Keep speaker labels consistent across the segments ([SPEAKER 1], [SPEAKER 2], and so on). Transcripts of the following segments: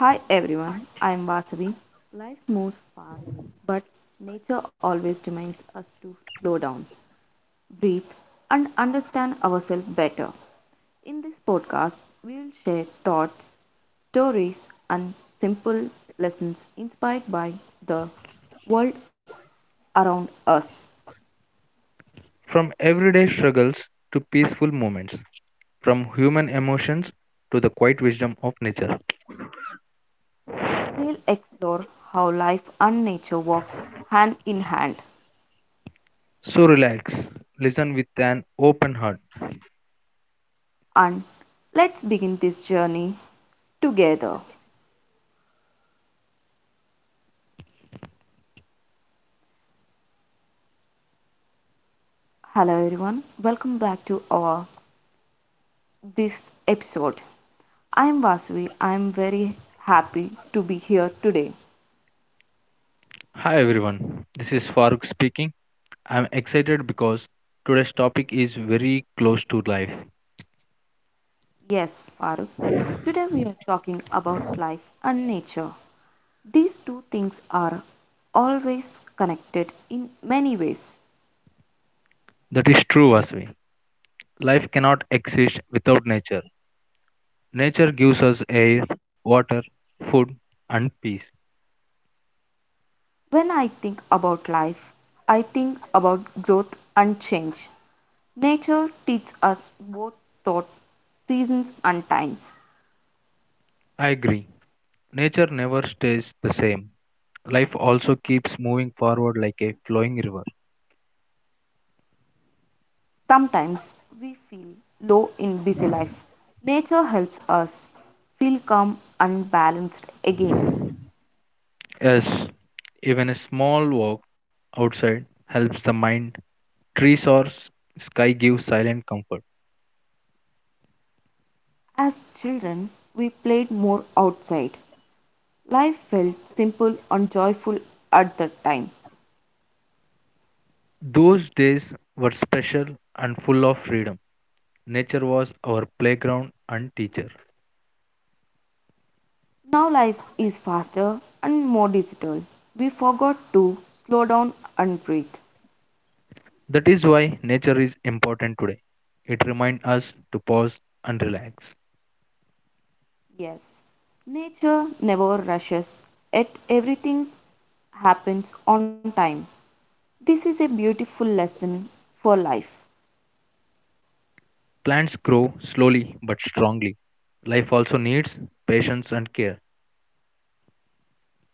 [SPEAKER 1] Hi everyone, I am Vasavi. Life moves fast, but nature always reminds us to slow down, breathe, and understand ourselves better. In this podcast, we will share thoughts, stories, and simple lessons inspired by the world around us.
[SPEAKER 2] From everyday struggles to peaceful moments, from human emotions to the quiet wisdom of nature.
[SPEAKER 1] We will explore how life and nature walks hand in hand.
[SPEAKER 2] So relax, listen with an open heart.
[SPEAKER 1] And let's begin this journey together. Hello everyone, welcome back to our this episode. I am Vasuvi. I am very happy to be here today.
[SPEAKER 2] Hi everyone, this is Farooq speaking. I'm excited because today's topic is very close to life.
[SPEAKER 1] Yes, Farooq. Today we are talking about life and nature. These two things are always connected in many ways.
[SPEAKER 2] That is true, Vasvi. Life cannot exist without nature. Nature gives us air, water, food, and peace.
[SPEAKER 1] When I think about life, I think about growth and change. Nature teaches us both thought, seasons and times.
[SPEAKER 2] I agree. Nature never stays the same. Life also keeps moving forward like a flowing river.
[SPEAKER 1] Sometimes we feel low in busy life. Nature helps us feel calm and balanced again.
[SPEAKER 2] Yes, even a small walk outside helps the mind. Trees or sky give silent comfort.
[SPEAKER 1] As children, we played more outside. Life felt simple and joyful at that time.
[SPEAKER 2] Those days were special and full of freedom. Nature was our playground and teacher.
[SPEAKER 1] Now life is faster and more digital. We forgot to slow down and breathe.
[SPEAKER 2] That is why nature is important today. It reminds us to pause and relax.
[SPEAKER 1] Yes, nature never rushes, yet everything happens on time. This is a beautiful lesson for life.
[SPEAKER 2] Plants grow slowly but strongly. Life also needs patience and care.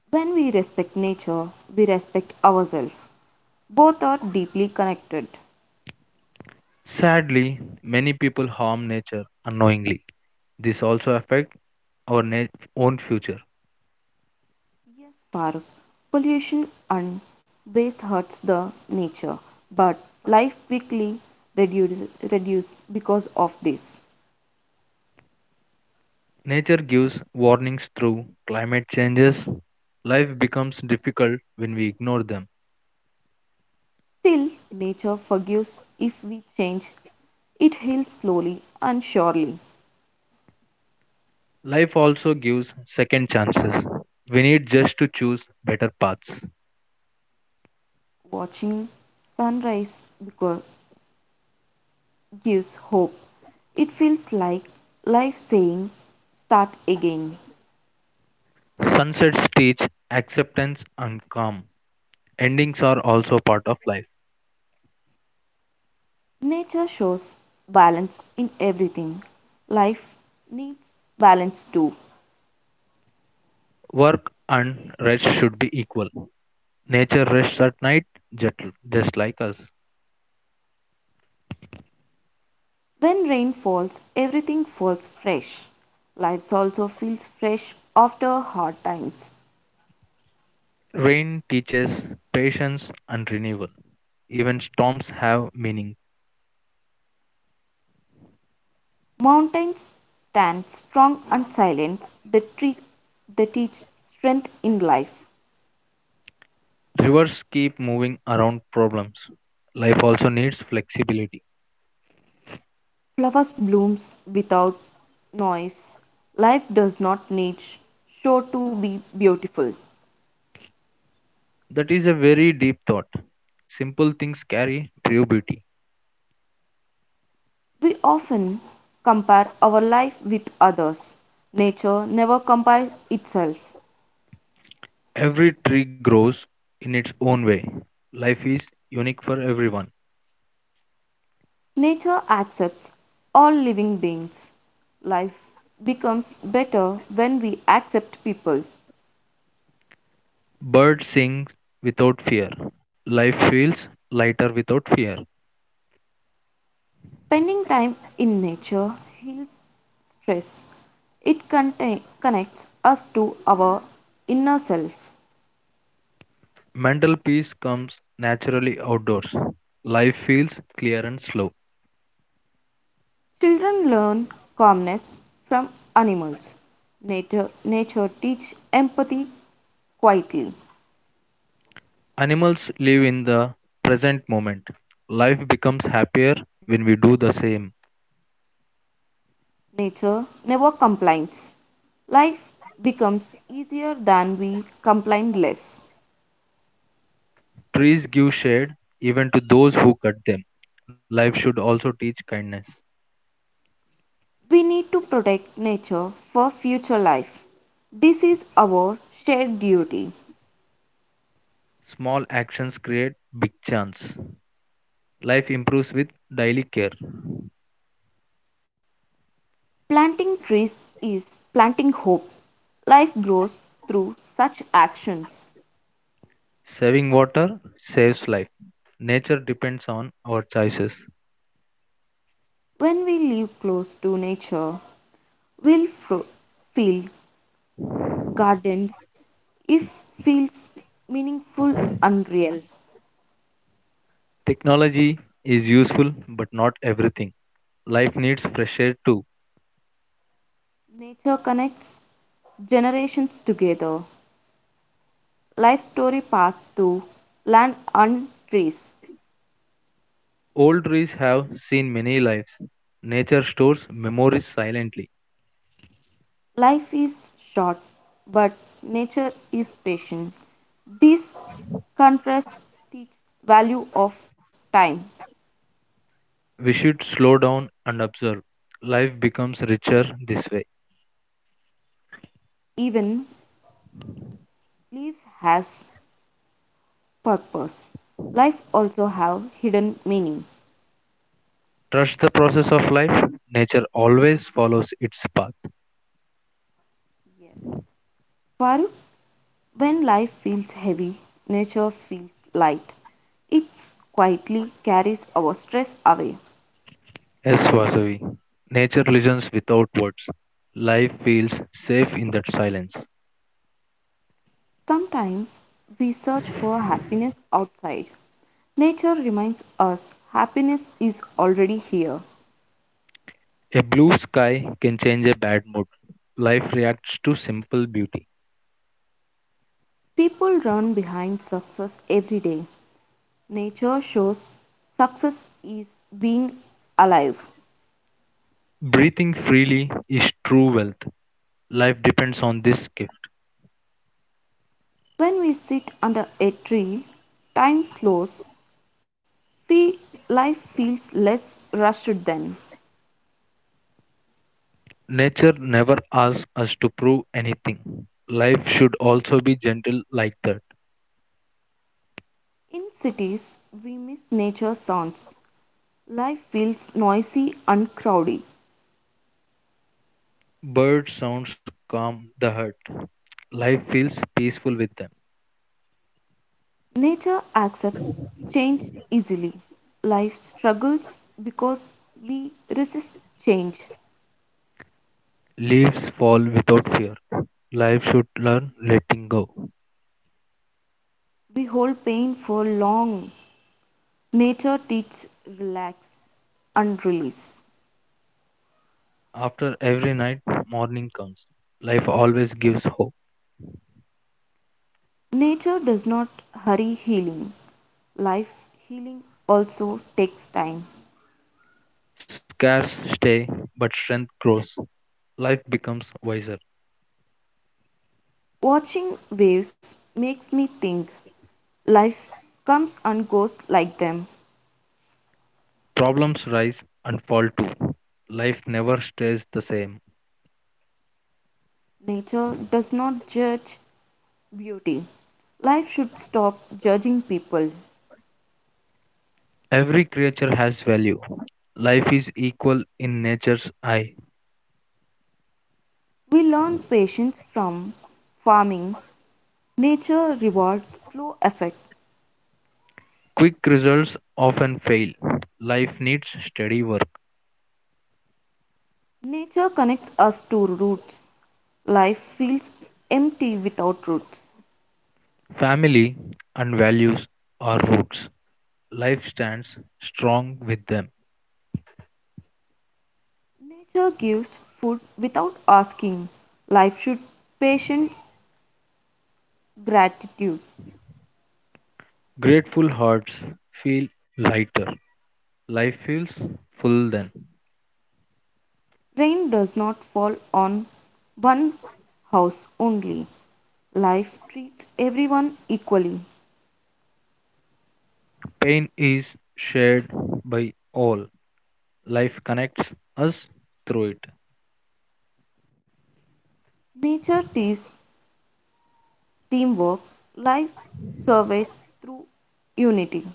[SPEAKER 1] When we respect nature, we respect ourselves. Both are deeply connected.
[SPEAKER 2] Sadly, many people harm nature unknowingly. This also affects our na- own future.
[SPEAKER 1] Yes, Farooq, pollution and waste hurts the nature, but life quickly reduce because of this.
[SPEAKER 2] Nature gives warnings through climate changes. Life becomes difficult when we ignore them.
[SPEAKER 1] Still, nature forgives if we change. It heals slowly and surely.
[SPEAKER 2] Life also gives second chances. We need just to choose better paths.
[SPEAKER 1] Watching sunrise beco- gives hope. It feels like life saying, start again.
[SPEAKER 2] Sunsets teach acceptance and calm. Endings are also part of life.
[SPEAKER 1] Nature shows balance in everything. Life needs balance too.
[SPEAKER 2] Work and rest should be equal. Nature rests at night, just, just like us.
[SPEAKER 1] When rain falls, everything falls fresh. Life also feels fresh after hard times.
[SPEAKER 2] Rain teaches patience and renewal. Even storms have meaning.
[SPEAKER 1] Mountains stand strong and silent. They, treat, they teach strength in life.
[SPEAKER 2] Rivers keep moving around problems. Life also needs flexibility.
[SPEAKER 1] Flowers blooms without noise. Life does not need show to be beautiful.
[SPEAKER 2] That is a very deep thought. Simple things carry true beauty.
[SPEAKER 1] We often compare our life with others. Nature never compares itself.
[SPEAKER 2] Every tree grows in its own way. Life is unique for everyone.
[SPEAKER 1] Nature accepts all living beings. Life becomes better when we accept people.
[SPEAKER 2] Birds sing without fear. Life feels lighter without fear.
[SPEAKER 1] Spending time in nature heals stress. It connects us to our inner self.
[SPEAKER 2] Mental peace comes naturally outdoors. Life feels clear and slow.
[SPEAKER 1] Children learn calmness from animals. Nature, nature teach empathy quietly.
[SPEAKER 2] Animals live in the present moment. Life becomes happier when we do the same.
[SPEAKER 1] Nature never complains. Life becomes easier than we complain less.
[SPEAKER 2] Trees give shade even to those who cut them. Life should also teach kindness.
[SPEAKER 1] We need to protect nature for future life. This is our shared duty.
[SPEAKER 2] Small actions create big chance. Life improves with daily care.
[SPEAKER 1] Planting trees is planting hope. Life grows through such actions.
[SPEAKER 2] Saving water saves life. Nature depends on our choices.
[SPEAKER 1] When we live close to nature, we'll fro- feel gardened if feels meaningful and real.
[SPEAKER 2] Technology is useful, but not everything. Life needs fresh air too.
[SPEAKER 1] Nature connects generations together. Life story passed to land and trees.
[SPEAKER 2] Old trees have seen many lives. Nature stores memories silently.
[SPEAKER 1] Life is short, but nature is patient. These contrasts teach value of time.
[SPEAKER 2] We should slow down and observe. Life becomes richer this way.
[SPEAKER 1] Even leaves has purpose. Life also have hidden meaning.
[SPEAKER 2] Trust the process of life. Nature always follows its path.
[SPEAKER 1] Yes. Farooq, when life feels heavy, nature feels light. It quietly carries our stress away.
[SPEAKER 2] Yes, Vasavi. Nature listens without words. Life feels safe in that silence.
[SPEAKER 1] Sometimes we search for happiness outside, nature reminds us happiness is already here.
[SPEAKER 2] A blue sky can change a bad mood. Life reacts to simple beauty.
[SPEAKER 1] People run behind success every day. Nature shows success is being alive.
[SPEAKER 2] Breathing freely is true wealth. Life depends on this gift.
[SPEAKER 1] When we sit under a tree, time slows. Life feels less rushed then.
[SPEAKER 2] Nature never asks us to prove anything. Life should also be gentle like that.
[SPEAKER 1] In cities, we miss nature sounds. Life feels noisy and crowded.
[SPEAKER 2] Bird sounds calm the heart. Life feels peaceful with them.
[SPEAKER 1] Nature accepts change easily. Life struggles because we resist change.
[SPEAKER 2] Leaves fall without fear. Life should learn letting go.
[SPEAKER 1] We hold pain for long. Nature teaches relax and release.
[SPEAKER 2] After every night, morning comes. Life always gives hope.
[SPEAKER 1] Nature does not hurry healing. Life healing also takes time.
[SPEAKER 2] Scarce stay, but strength grows. Life becomes wiser.
[SPEAKER 1] Watching waves makes me think life comes and goes like them.
[SPEAKER 2] Problems rise and fall too. Life never stays the same.
[SPEAKER 1] Nature does not judge beauty. Life should stop judging people.
[SPEAKER 2] Every creature has value. Life is equal in nature's eye.
[SPEAKER 1] We learn patience from farming. Nature rewards slow effort.
[SPEAKER 2] Quick results often fail. Life needs steady work.
[SPEAKER 1] Nature connects us to roots. Life feels empty without roots.
[SPEAKER 2] Family and values are roots. Life stands strong with them.
[SPEAKER 1] Nature gives food without asking. Life should patient gratitude.
[SPEAKER 2] Grateful hearts feel lighter. Life feels full then.
[SPEAKER 1] Rain does not fall on one house only. Life treats everyone equally.
[SPEAKER 2] Pain is shared by all. Life connects us through it.
[SPEAKER 1] Nature teaches teamwork. Life survives through unity.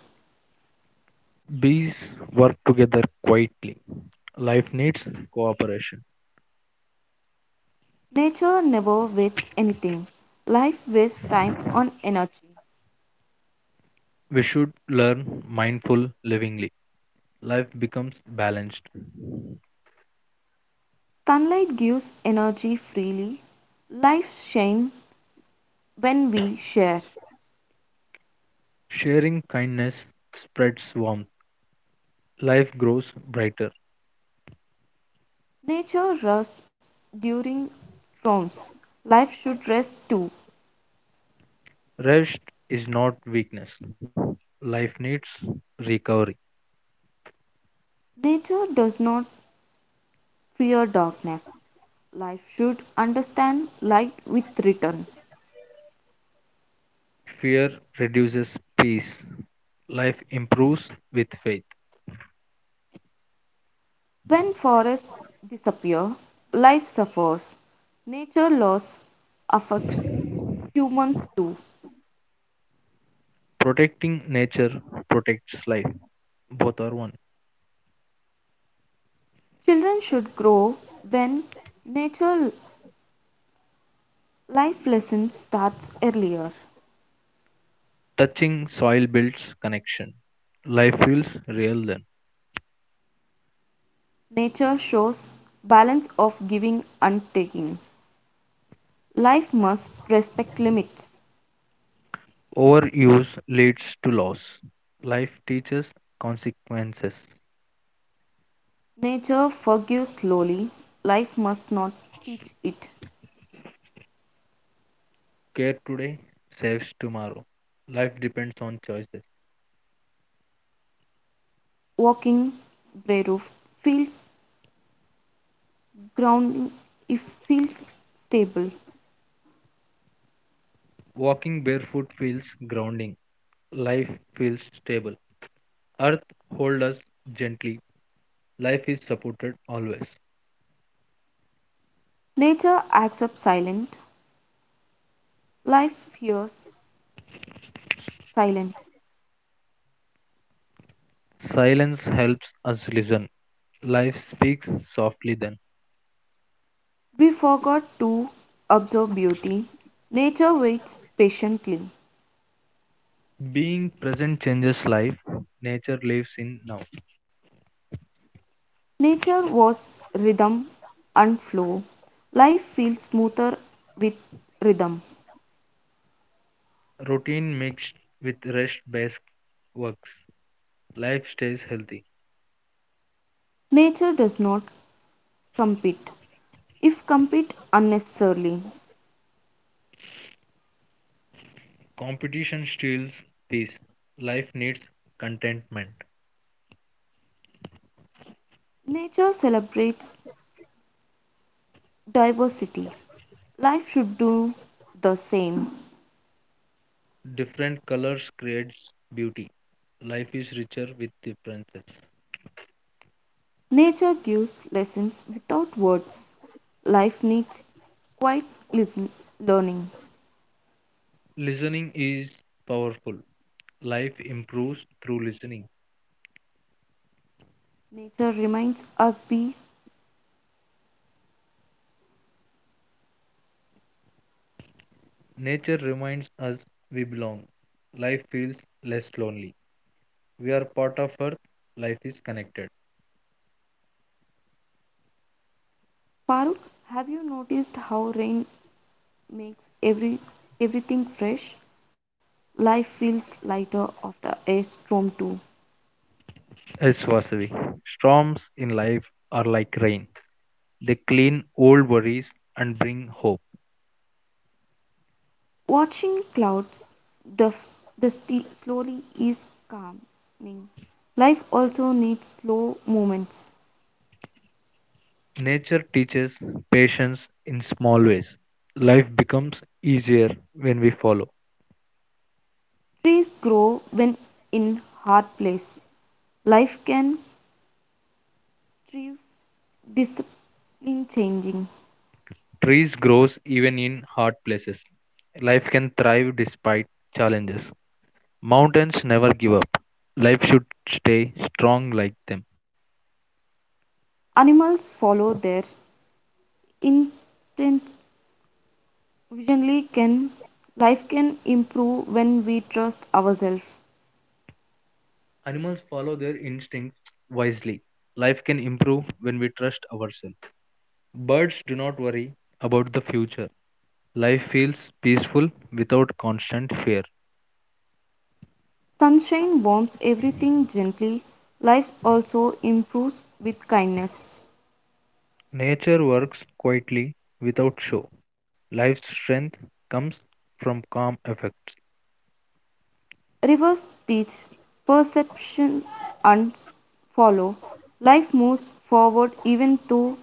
[SPEAKER 2] Bees work together quietly. Life needs cooperation.
[SPEAKER 1] Nature never wastes anything. Life wastes time on energy.
[SPEAKER 2] We should learn mindful livingly. Life becomes balanced.
[SPEAKER 1] Sunlight gives energy freely. Life shines when we share.
[SPEAKER 2] Sharing kindness spreads warmth. Life grows brighter.
[SPEAKER 1] Nature rests during storms. Life should rest too.
[SPEAKER 2] Rest is not weakness. Life needs recovery.
[SPEAKER 1] Nature does not fear darkness. Life should understand light with return.
[SPEAKER 2] Fear reduces peace. Life improves with faith.
[SPEAKER 1] When forests disappear, life suffers. Nature loss affects humans too.
[SPEAKER 2] Protecting nature protects life. Both are one.
[SPEAKER 1] Children should grow when nature life lesson starts earlier.
[SPEAKER 2] Touching soil builds connection. Life feels real then.
[SPEAKER 1] Nature shows balance of giving and taking. Life must respect limits.
[SPEAKER 2] Overuse leads to loss. Life teaches consequences.
[SPEAKER 1] Nature forgives slowly. Life must not teach it.
[SPEAKER 2] Care today saves tomorrow. Life depends on choices.
[SPEAKER 1] Walking brave feels grounding if feels stable.
[SPEAKER 2] Walking barefoot feels grounding. Life feels stable. Earth holds us gently. Life is supported always.
[SPEAKER 1] Nature accepts silent. Life fears silent.
[SPEAKER 2] Silence helps us listen. Life speaks softly then.
[SPEAKER 1] We forgot to observe beauty. Nature waits patiently.
[SPEAKER 2] Being present changes life. Nature lives in now.
[SPEAKER 1] Nature was rhythm and flow. Life feels smoother with rhythm.
[SPEAKER 2] Routine mixed with rest based works. Life stays healthy.
[SPEAKER 1] Nature does not compete, if compete unnecessarily.
[SPEAKER 2] Competition steals peace. Life needs contentment.
[SPEAKER 1] Nature celebrates diversity. Life should do the same.
[SPEAKER 2] Different colors creates beauty. Life is richer with differences.
[SPEAKER 1] Nature gives lessons without words. Life needs quiet listen- learning.
[SPEAKER 2] Listening is powerful. Life improves through listening.
[SPEAKER 1] Nature reminds us be
[SPEAKER 2] Nature reminds us we belong. Life feels less lonely. We are part of Earth. Life is connected.
[SPEAKER 1] Farooq, have you noticed how rain makes everything fresh? Life feels lighter after a storm too.
[SPEAKER 2] Yes, Vasavi. Storms in life are like rain. They clean old worries and bring hope.
[SPEAKER 1] Watching clouds, the, f- the sti- slowly is calming. Life also needs slow moments.
[SPEAKER 2] Nature teaches patience in small ways. Life becomes easier when we follow.
[SPEAKER 1] Trees grow when in hard place. Life can thrive discipline changing.
[SPEAKER 2] Trees grows even in hard places. Life can thrive despite challenges. Mountains never give up. Life should stay strong like them.
[SPEAKER 1] Animals follow their intent visionly can life can improve when we trust ourselves.
[SPEAKER 2] Animals follow their instincts wisely. Life can improve when we trust ourselves. Birds do not worry about the future. Life feels peaceful without constant fear.
[SPEAKER 1] Sunshine warms everything gently. Life also improves with kindness.
[SPEAKER 2] Nature works quietly without show. Life's strength comes from calm effects.
[SPEAKER 1] Rivers teach, perception and follow. Life moves forward even through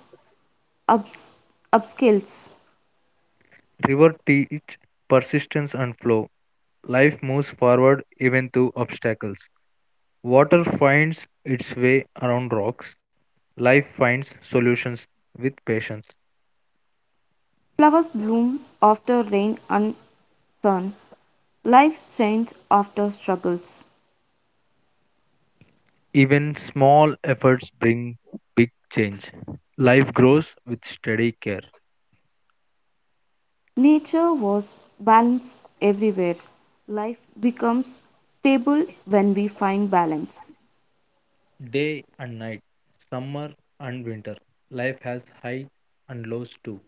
[SPEAKER 1] ups- upscales.
[SPEAKER 2] River teach persistence and flow. Life moves forward even through obstacles. Water finds its way around rocks. Life finds solutions with patience.
[SPEAKER 1] Flowers bloom after rain and sun. Life shines after struggles.
[SPEAKER 2] Even small efforts bring big change. Life grows with steady care.
[SPEAKER 1] Nature was balanced everywhere. Life becomes stable when we find balance.
[SPEAKER 2] Day and night, summer and winter. Life has highs and lows too.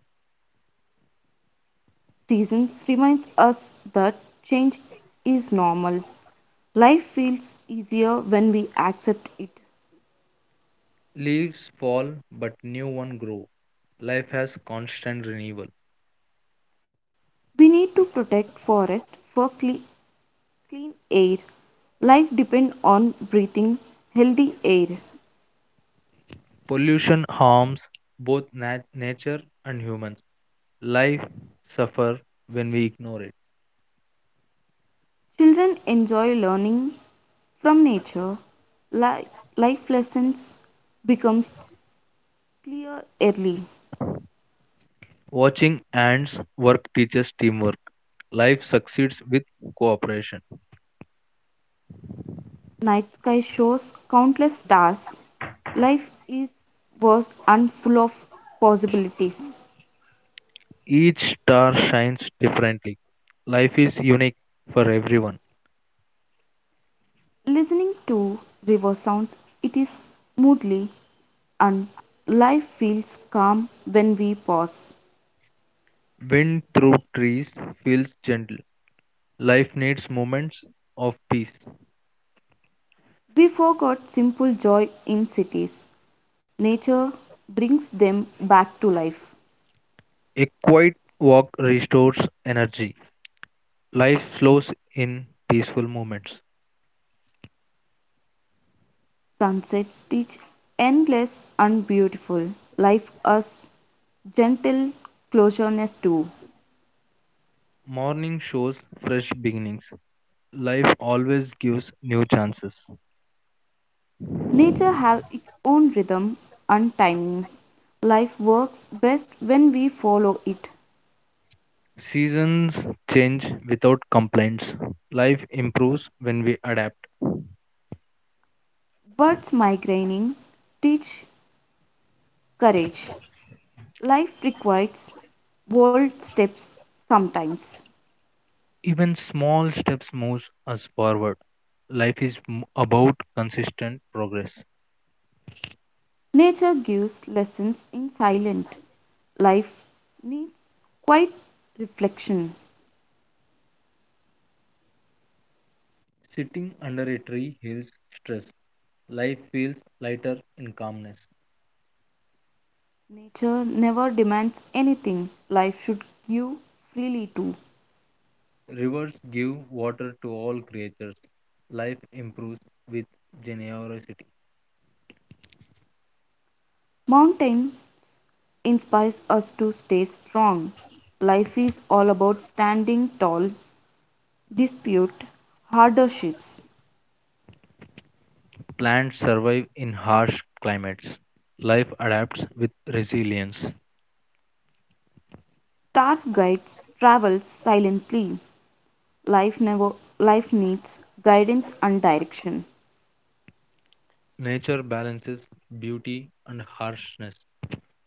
[SPEAKER 1] Seasons reminds us that change is normal. Life feels easier when we accept it.
[SPEAKER 2] Leaves fall, but new ones grow. Life has constant renewal.
[SPEAKER 1] We need to protect forest for clean air. Life depends on breathing healthy air.
[SPEAKER 2] Pollution harms both nature and humans. Life suffers when we ignore it.
[SPEAKER 1] Children enjoy learning from nature. Li- life lessons becomes clear early.
[SPEAKER 2] Watching ants work teaches teamwork. Life succeeds with cooperation.
[SPEAKER 1] Night sky shows countless stars. Life is vast and full of possibilities.
[SPEAKER 2] Each star shines differently. Life is unique for everyone.
[SPEAKER 1] Listening to river sounds, it is smoothly and life feels calm when we pause.
[SPEAKER 2] Wind through trees feels gentle. Life needs moments of peace.
[SPEAKER 1] We forgot simple joy in cities. Nature brings them back to life.
[SPEAKER 2] A quiet walk restores energy. Life flows in peaceful moments.
[SPEAKER 1] Sunsets teach endless and beautiful. Life us gentle closeness too.
[SPEAKER 2] Morning shows fresh beginnings. Life always gives new chances.
[SPEAKER 1] Nature have its own rhythm and timing. Life works best when we follow it.
[SPEAKER 2] Seasons change without complaints. Life improves when we adapt.
[SPEAKER 1] Birds migrating teach courage. Life requires bold steps sometimes.
[SPEAKER 2] Even small steps moves us forward. Life is about consistent progress.
[SPEAKER 1] Nature gives lessons in silence. Life needs quiet reflection.
[SPEAKER 2] Sitting under a tree heals stress. Life feels lighter in calmness.
[SPEAKER 1] Nature never demands anything. Life should give freely too.
[SPEAKER 2] Rivers give water to all creatures. Life improves with generosity.
[SPEAKER 1] Mountain inspires us to stay strong. Life is all about standing tall, dispute, hardships.
[SPEAKER 2] Plants survive in harsh climates. Life adapts with resilience.
[SPEAKER 1] Stars guides travels silently. Life never life needs guidance and direction.
[SPEAKER 2] Nature balances beauty and harshness.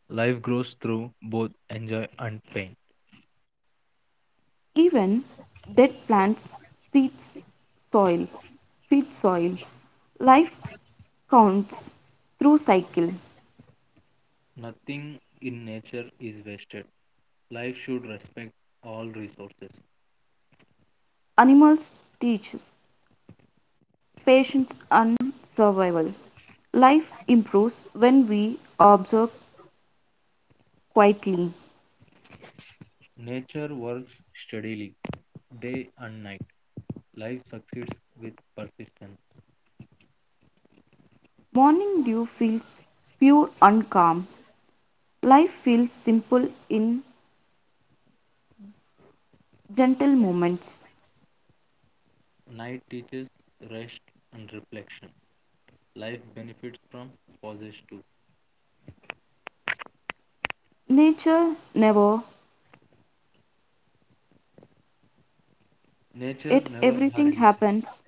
[SPEAKER 2] Life grows through both enjoy and pain.
[SPEAKER 1] Even dead plants, seeds, soil, feed soil. Life counts through cycle.
[SPEAKER 2] Nothing in nature is wasted. Life should respect all resources.
[SPEAKER 1] Animals teaches patience and survival. Life improves when we observe quietly.
[SPEAKER 2] Nature works steadily, day and night. Life succeeds with persistence.
[SPEAKER 1] Morning dew feels pure and calm. Life feels simple in gentle moments.
[SPEAKER 2] Night teaches rest and reflection. Life benefits from pauses too.
[SPEAKER 1] Nature never,
[SPEAKER 2] Nature
[SPEAKER 1] yet
[SPEAKER 2] never
[SPEAKER 1] everything
[SPEAKER 2] hurries,
[SPEAKER 1] happens.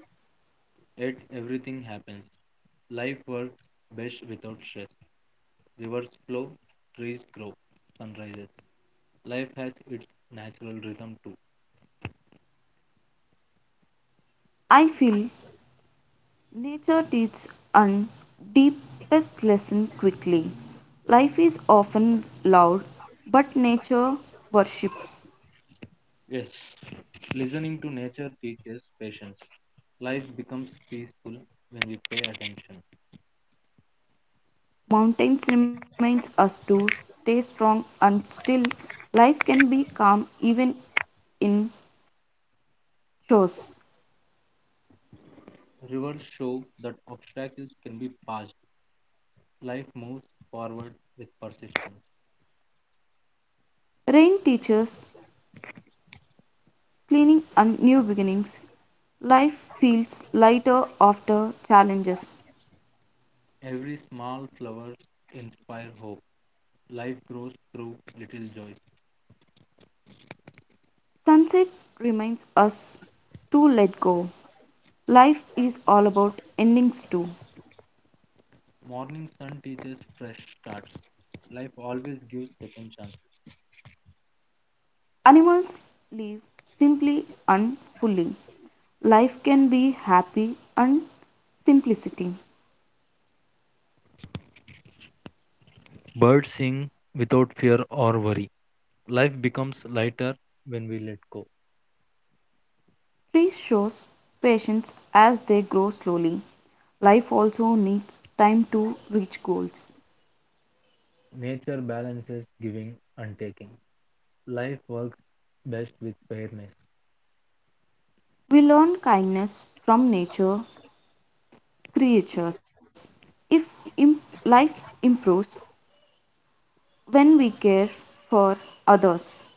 [SPEAKER 2] yet everything happens. Life works best without stress. Rivers flow, trees grow, sunrises. Life has its natural rhythm too.
[SPEAKER 1] I feel nature teaches and deepest lesson quickly. Life is often loud, but nature worships.
[SPEAKER 2] Yes, listening to nature teaches patience. Life becomes peaceful when we pay attention.
[SPEAKER 1] Mountains reminds us to stay strong and still. Life can be calm even in chores.
[SPEAKER 2] Rivers show that obstacles can be passed. Life moves forward with persistence.
[SPEAKER 1] Rain teaches cleaning and new beginnings. Life feels lighter after challenges.
[SPEAKER 2] Every small flower inspires hope. Life grows through little joys.
[SPEAKER 1] Sunset reminds us to let go. Life is all about endings too.
[SPEAKER 2] Morning sun teaches fresh starts. Life always gives second chances.
[SPEAKER 1] Animals live simply and fully. Life can be happy and simplicity.
[SPEAKER 2] Birds sing without fear or worry. Life becomes lighter when we let go.
[SPEAKER 1] Trees shows patience as they grow slowly. Life also needs time to reach goals.
[SPEAKER 2] Nature balances giving and taking. Life works best with fairness.
[SPEAKER 1] We learn kindness from nature creatures. If im- life improves when we care for others,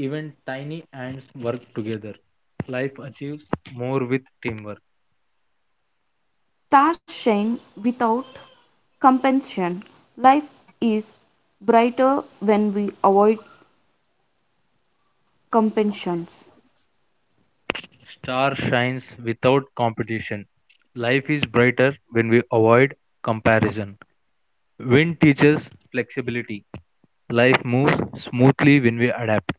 [SPEAKER 2] Even tiny ants work together. Life achieves more with teamwork.
[SPEAKER 1] stars shine without compensation. Life is brighter when we avoid compensations.
[SPEAKER 2] Star shines without competition. Life is brighter when we avoid comparison. Wind teaches flexibility. Life moves smoothly when we adapt.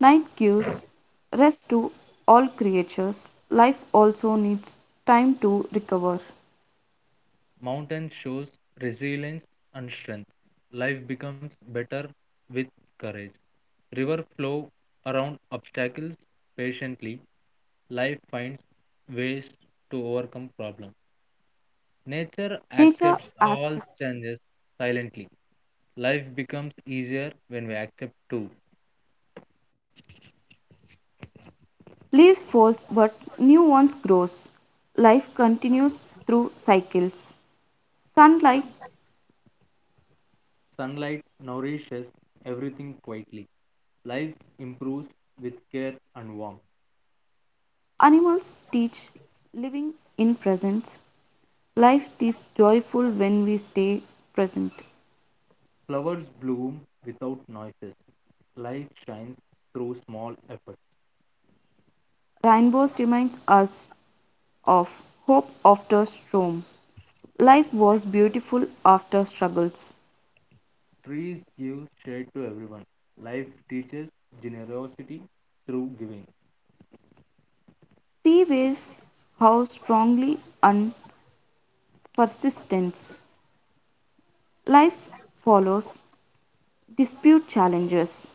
[SPEAKER 1] Nine gives rest to all creatures; life also needs time to recover.
[SPEAKER 2] Mountain shows resilience and strength. Life becomes better with courage. River flow around obstacles patiently. Life finds ways to overcome problems. Nature
[SPEAKER 1] Nature
[SPEAKER 2] accepts all
[SPEAKER 1] accepts.
[SPEAKER 2] changes silently. Life becomes easier when we accept too.
[SPEAKER 1] Leaves fall but new ones grow. Life continues through cycles. Sunlight.
[SPEAKER 2] Sunlight nourishes everything quietly. Life improves with care and warmth.
[SPEAKER 1] Animals teach living in presence. Life is joyful when we stay present.
[SPEAKER 2] Flowers bloom without noises. Life shines through small efforts.
[SPEAKER 1] Rainbows reminds us of hope after storm. Life was beautiful after struggles.
[SPEAKER 2] Trees give shade to everyone. Life teaches generosity through giving.
[SPEAKER 1] Sea waves how strongly and persistence. Life follows, dispute challenges.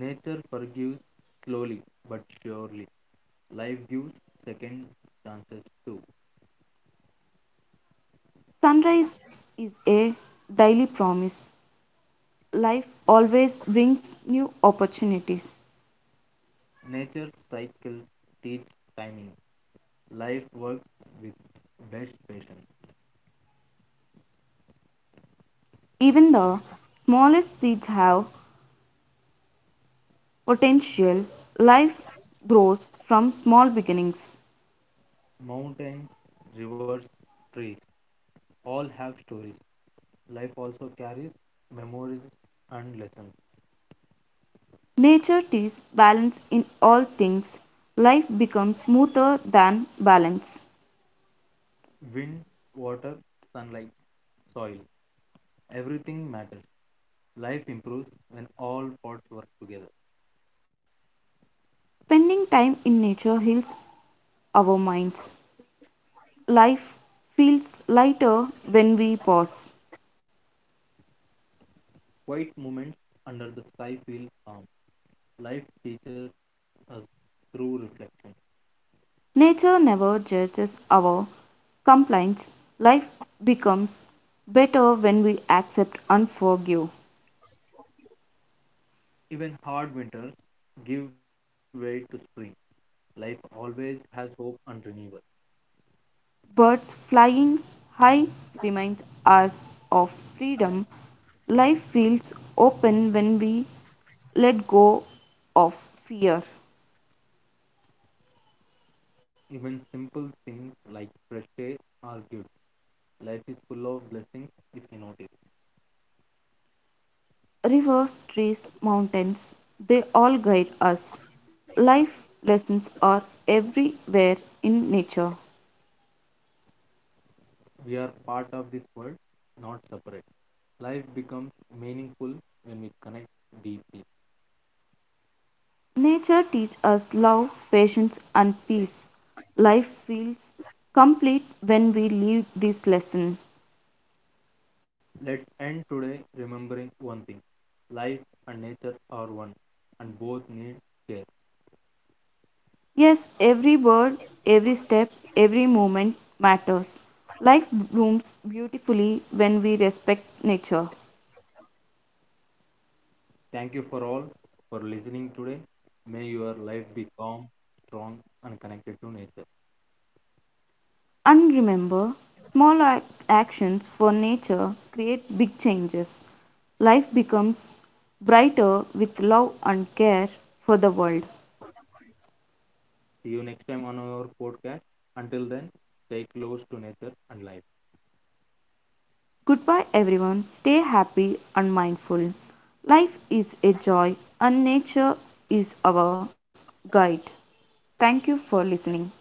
[SPEAKER 2] Nature forgives slowly but surely. Life gives second chances too.
[SPEAKER 1] Sunrise is a daily promise. Life always brings new opportunities.
[SPEAKER 2] Nature's cycles teach timing. Life works with best patience.
[SPEAKER 1] Even the smallest seeds have potential. Life grows from small beginnings.
[SPEAKER 2] Mountains, rivers, trees all have stories. Life also carries memories and lessons.
[SPEAKER 1] Nature teaches balance in all things. Life becomes smoother than balance.
[SPEAKER 2] Wind, water, sunlight, soil. Everything matters. Life improves when all parts work together.
[SPEAKER 1] Spending time in nature heals our minds. Life feels lighter when we pause.
[SPEAKER 2] Quiet moments under the sky feel calm. Life teaches us through reflection.
[SPEAKER 1] Nature never judges our complaints. Life becomes better when we accept and forgive.
[SPEAKER 2] Even hard winters give way to spring. Life always has hope and renewal.
[SPEAKER 1] Birds flying high reminds us of freedom. Life feels open when we let go of fear.
[SPEAKER 2] Even simple things like fresh air are gifts. Life is full of blessings if you notice.
[SPEAKER 1] Rivers, trees, mountains, they all guide us. Life lessons are everywhere in nature.
[SPEAKER 2] We are part of this world, not separate. Life becomes meaningful when we connect deeply.
[SPEAKER 1] Nature teaches us love, patience, and peace. Life feels complete when we live this lesson.
[SPEAKER 2] Let's end today remembering one thing, life and nature are one, and both need care.
[SPEAKER 1] Yes, every word, every step, every moment matters. Life blooms beautifully when we respect nature.
[SPEAKER 2] Thank you for all for listening today. May your life be calm, strong, and connected to nature.
[SPEAKER 1] And remember, small ac- actions for nature create big changes. Life becomes brighter with love and care for the world.
[SPEAKER 2] See you next time on our podcast. Until then, stay close to nature and life.
[SPEAKER 1] Goodbye, everyone. Stay happy and mindful. Life is a joy, and nature is our guide. Thank you for listening.